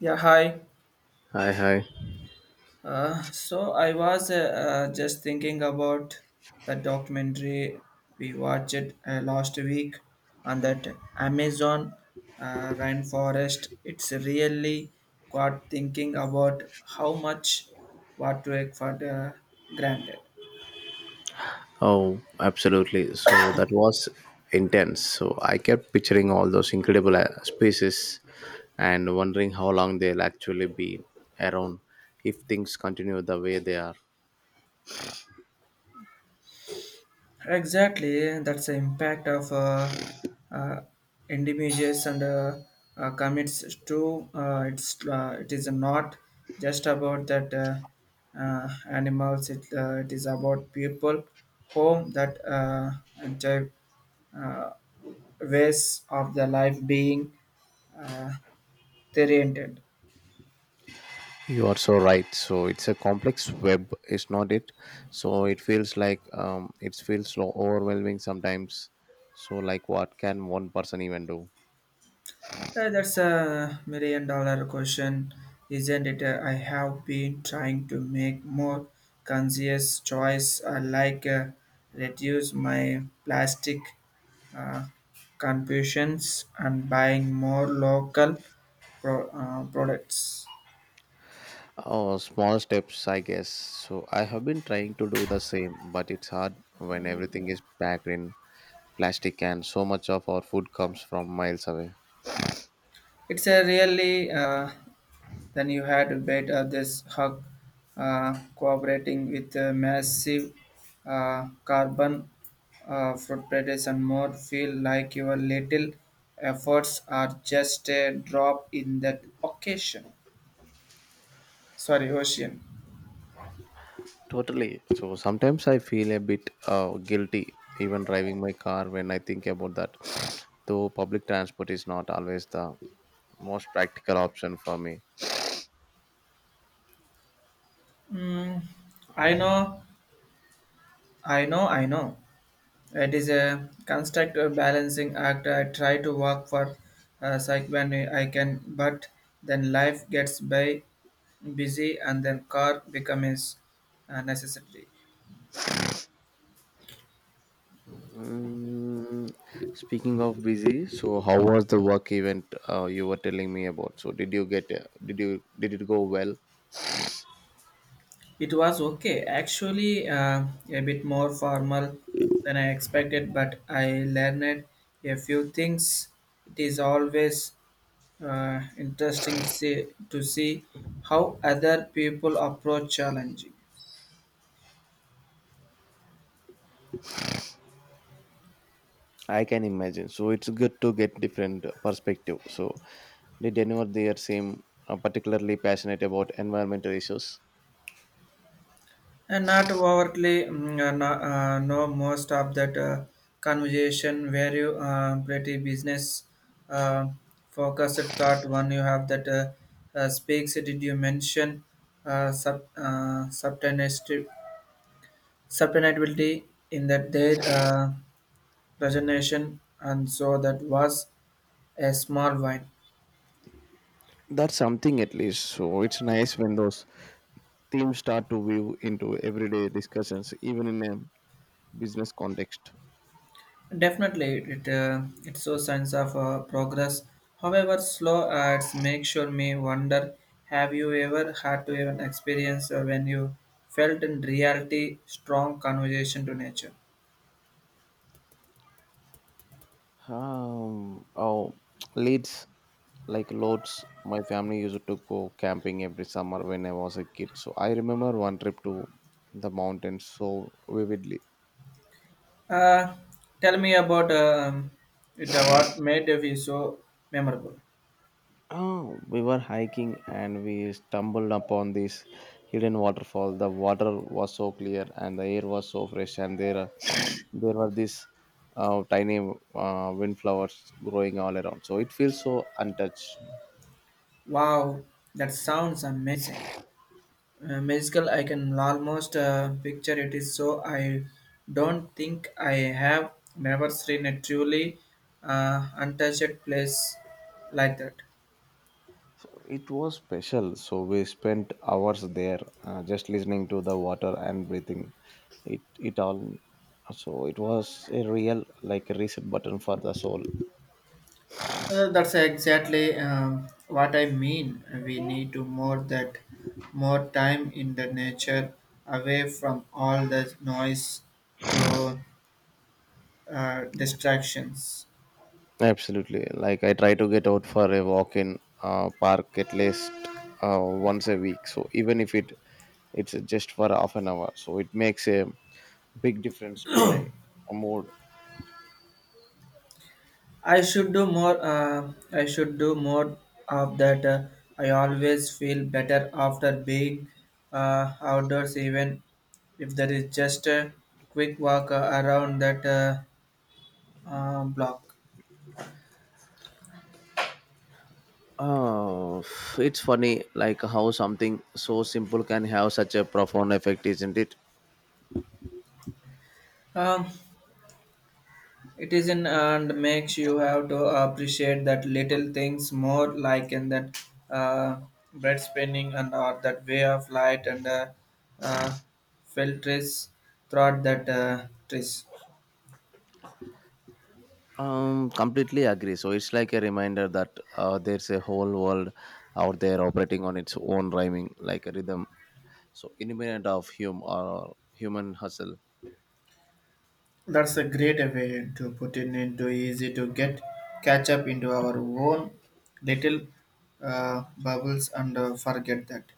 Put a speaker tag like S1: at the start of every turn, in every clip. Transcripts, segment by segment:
S1: Yeah, hi.
S2: Hi, hi.
S1: So I was just thinking about the documentary we watched last week on that Amazon rainforest. It's really got thinking about how much what to take for the granted.
S2: Oh, absolutely. So that was intense. So I kept picturing all those incredible species and wondering how long they'll actually be around if things continue the way they are.
S1: Exactly, that's the impact of uh, individuals and commits to it is not just about that animals. It is about people, home that and uh, ways of the life being uh, oriented.
S2: You are so right. So it's a complex web, is not it? So it feels like it feels so overwhelming sometimes. So like, what can one person even do?
S1: That's a million dollar question, isn't it? I have been trying to make more conscious choice, like reduce my plastic uh, consumptions and buying more local products.
S2: Oh, small steps, I guess. So I have been trying to do the same, but it's hard when everything is packed in plastic and so much of our food comes from miles away.
S1: It's a really then you had bait this hug cooperating with massive carbon footprints and more feel like your little efforts are just a drop in that occasion. Sorry, ocean.
S2: Totally. So sometimes I feel a bit guilty even driving my car when I think about that. Though public transport is not always the most practical option for me.
S1: Mm, I know, I know, I know. It is a construct a balancing act. I try to work for psych when I can, but then life gets by busy and then car becomes necessary.
S2: Mm, speaking of busy, so how was the work event you were telling me about? So did you get did it go well?
S1: It was okay, actually, a bit more formal than I expected, but I learned a few things. It is always interesting to see how other people approach challenging.
S2: I can imagine. So it's good to get different perspective. So did anyone there seem particularly passionate about environmental issues?
S1: And not overtly, no, most of that conversation where you pretty business uh, focused thought one you have that speaks. Did you mention uh, sub, uh, subtenesti- subtenability in that their presentation? And so that was a small wine.
S2: That's something at least. So it's nice when those themes start to weave into everyday discussions, even in a business context.
S1: Definitely, it shows signs of progress. However, slow ads make sure me wonder. Have you ever had to even experience when you felt in reality strong conversation to nature?
S2: Oh, leads like loads. My family used to go camping every summer when I was a kid. So I remember one trip to the mountains so vividly.
S1: Uh, Tell me about it. What made you so memorable?
S2: Oh, we were hiking and we stumbled upon this hidden waterfall. The water was so clear and the air was so fresh, and there were these tiny windflowers growing all around. So it feels so untouched.
S1: Wow, that sounds amazing. Musical, I can almost picture it is so I don't think I have never seen a truly untouched place like that.
S2: It was special. So we spent hours there, just listening to the water and breathing. It all. So it was a real like a reset button for the soul.
S1: That's exactly what I mean. We need to more that more time in the nature, away from all the noise to uh, distractions.
S2: Absolutely. Like I try to get out for a walk in park at least once a week. So even if it's just for half an hour, so it makes a big difference to my mood.
S1: I should do more. I should do more of that. I always feel better after being outdoors, even if there is just a quick walk around that block.
S2: Oh, it's funny like how something so simple can have such a profound effect, isn't it?
S1: Um, it is isn't, and makes you have to appreciate that little things more, like in that uh, bread spinning and or that way of light and uh, filters throughout that trees.
S2: Completely agree. So it's like a reminder that there's a whole world out there operating on its own rhyming like a rhythm. So independent of hum or human hustle.
S1: That's a great way to put it into easy to get catch up into our own little bubbles and forget that.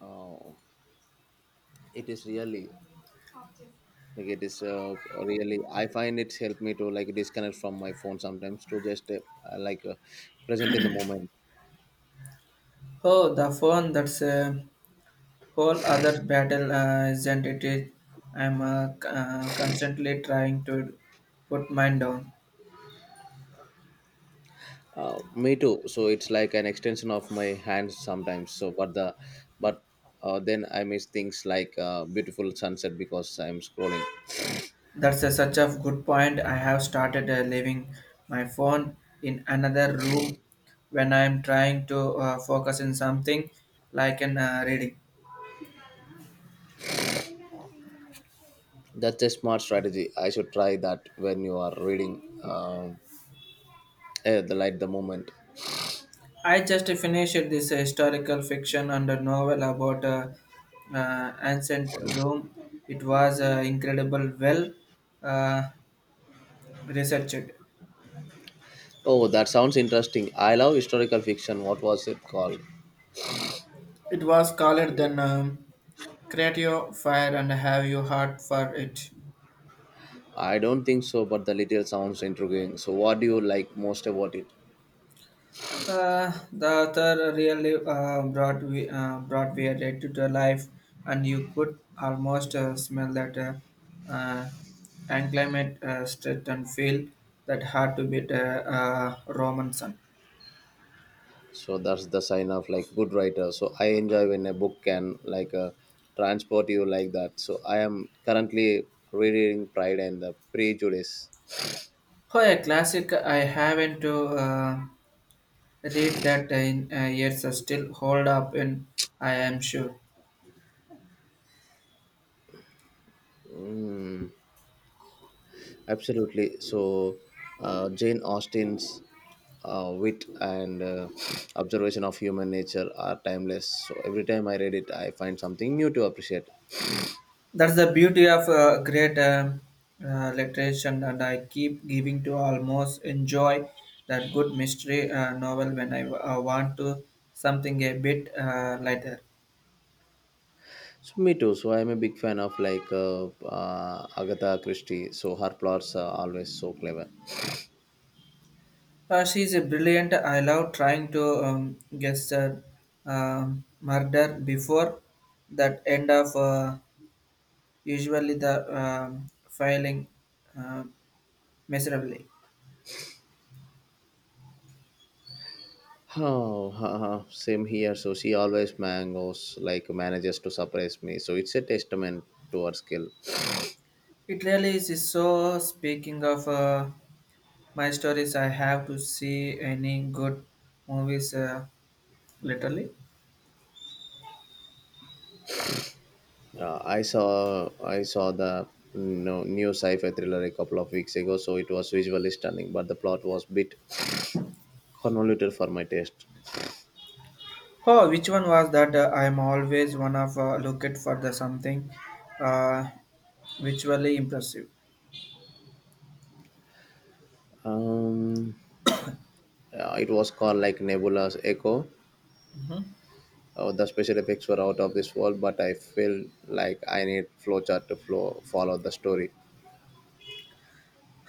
S2: Oh, it is really like it is really. I find it's helped me to like disconnect from my phone sometimes to just like uh, present in the moment.
S1: Oh, the phone, that's a whole other battle, isn't it? I'm constantly trying to put mine down.
S2: Me too. So it's like an extension of my hands sometimes. So but then I miss things like beautiful sunset because I'm scrolling.
S1: That's such a good point. I have started leaving my phone in another room when I'm trying to focus on something like an reading.
S2: That's a smart strategy. I should try that when you are reading the light the moment.
S1: I just finished this historical fiction and a novel about ancient Rome. It was incredible, well uh, researched.
S2: Oh, that sounds interesting. I love historical fiction. What was it called?
S1: It was called then Creatio Fire and Have You Heart for It.
S2: I don't think so, but the little sounds intriguing. So, what do you like most about it?
S1: The author really brought Weird to the life, and you could almost smell that uh, acclimate strength and feel that hard to beat Roman sun.
S2: So that's the sign of like good writer. So I enjoy when a book can transport you like that. So I am currently rereading Pride and the Prejudice.
S1: Oh, a classic I haven't uh, read that in years still hold up and I am sure.
S2: Hmm, absolutely. So Jane Austen's wit and observation of human nature are timeless. So every time I read it, I find something new to appreciate.
S1: That's the beauty of great literature and I keep giving to almost enjoy that good mystery novel when I want to something a bit lighter.
S2: So me too. So I'm a big fan of Agatha Christie. So her plots are always so clever.
S1: She's a brilliant. I love trying to guess the murder before that end of usually the filing uh, miserably.
S2: Oh, haha, same here. So she always mangoes like manages to surprise me. So it's a testament to her skill.
S1: It really is so. Speaking of my stories, I have to see any good movies literally.
S2: I saw the no, new sci-fi thriller a couple of weeks ago. So it was visually stunning, but the plot was bit convoluted for my taste.
S1: Oh, which one was that? I'm always one of looking for the something uh, visually impressive.
S2: Um, it was called like Nebula's Echo.
S1: Mhm.
S2: Oh, the special effects were out of this world, but I feel like I need flowchart to follow the story.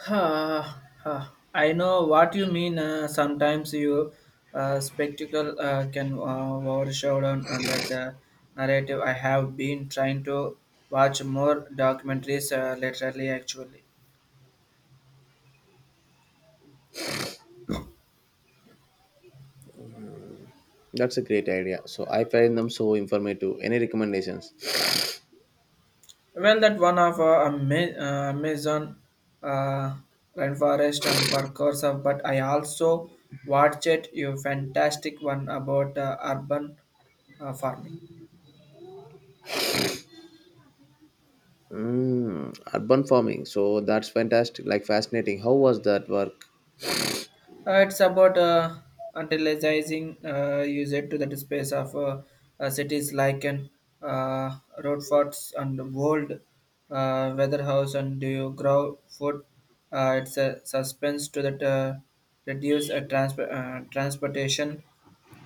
S1: Ha, ha! I know what you mean. Sometimes you spectacle can overshadow down on that narrative. I have been trying to watch more documentaries lately, actually.
S2: That's a great idea. So I find them so informative. Any recommendations?
S1: Well, that one of Amazon uh, rainforest and for course of, but I also watched it. You fantastic one about urban farming.
S2: Mm, urban farming. So that's fantastic. Like fascinating. How was that work?
S1: It's about utilizing user to the space of cities like an uh, road forts and Wold, Weatherhouse and do you grow food. It's a suspense to that reduce transportation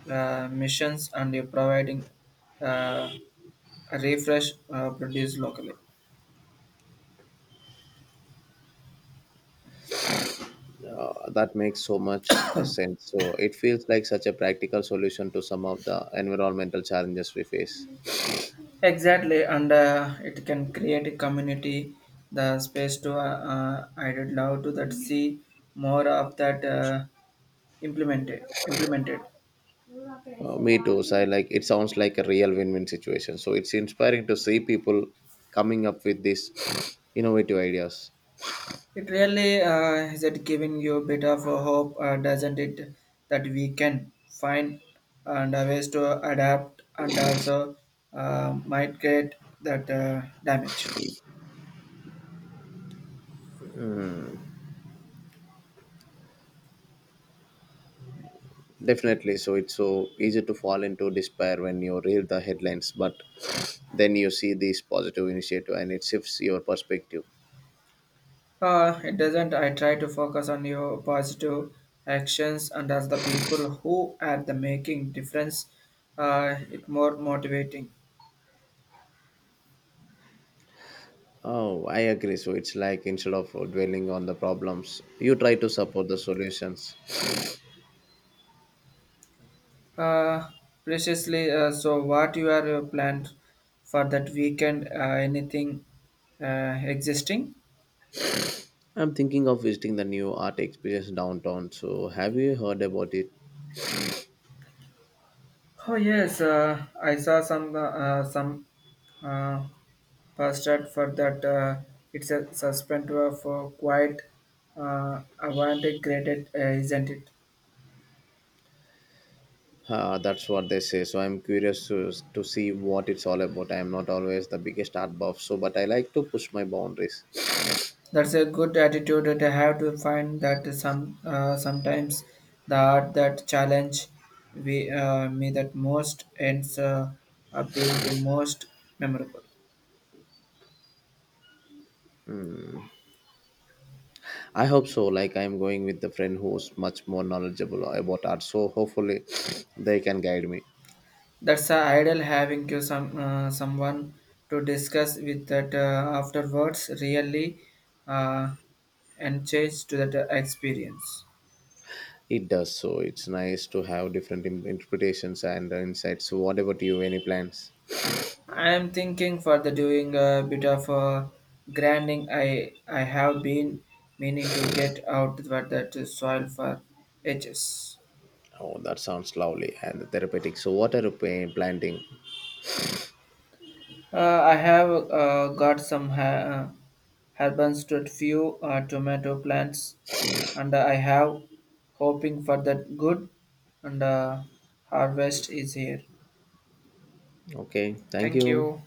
S1: missions and you're providing uh, a refresh produced locally.
S2: That makes so much sense. So it feels like such a practical solution to some of the environmental challenges we face.
S1: Exactly, and it can create a community, the space to. I would love to that see more of that implemented.
S2: Me too. So I like it sounds like a real win-win situation. So it's inspiring to see people coming up with these innovative ideas.
S1: It really is it giving you a bit of a hope, doesn't it? That we can find and ways to adapt and also might create that damage.
S2: Definitely. So it's so easy to fall into despair when you read the headlines, but then you see this positive initiative and it shifts your perspective.
S1: It doesn't. I try to focus on your positive actions and as the people who are the making difference. It more motivating.
S2: Oh, I agree. So it's like instead of dwelling on the problems, you try to support the solutions.
S1: Uh, preciously. So, what you are planned for that weekend? Anything existing?
S2: I'm thinking of visiting the new art exhibitions downtown. So have you heard about it?
S1: Oh yes, I saw some uh, posted for that. It's a suspend for quite avant graded, isn't it?
S2: That's what they say. So I'm curious to see what it's all about. I'm not always the biggest art buff, so but I like to push my boundaries.
S1: That's a good attitude that I have to find that sometimes the art that challenge me that most ends up being the most memorable.
S2: I hope so. Like I'm going with the friend who's much more knowledgeable about art, so hopefully they can guide me.
S1: That's a ideal having you someone to discuss with that afterwards really uh, and change to that experience.
S2: It does so. It's nice to have different interpretations and insights. So what about you? Any plans?
S1: I'm thinking for the doing a bit of a grinding. I have been meaning to get out what that soil for edges.
S2: Oh, that sounds lovely and therapeutic. So what are you planning?
S1: I have got some herbs to a few tomato plants, and I have hoping for that good and harvest is here.
S2: Okay, thank
S1: Thank
S2: you.
S1: you.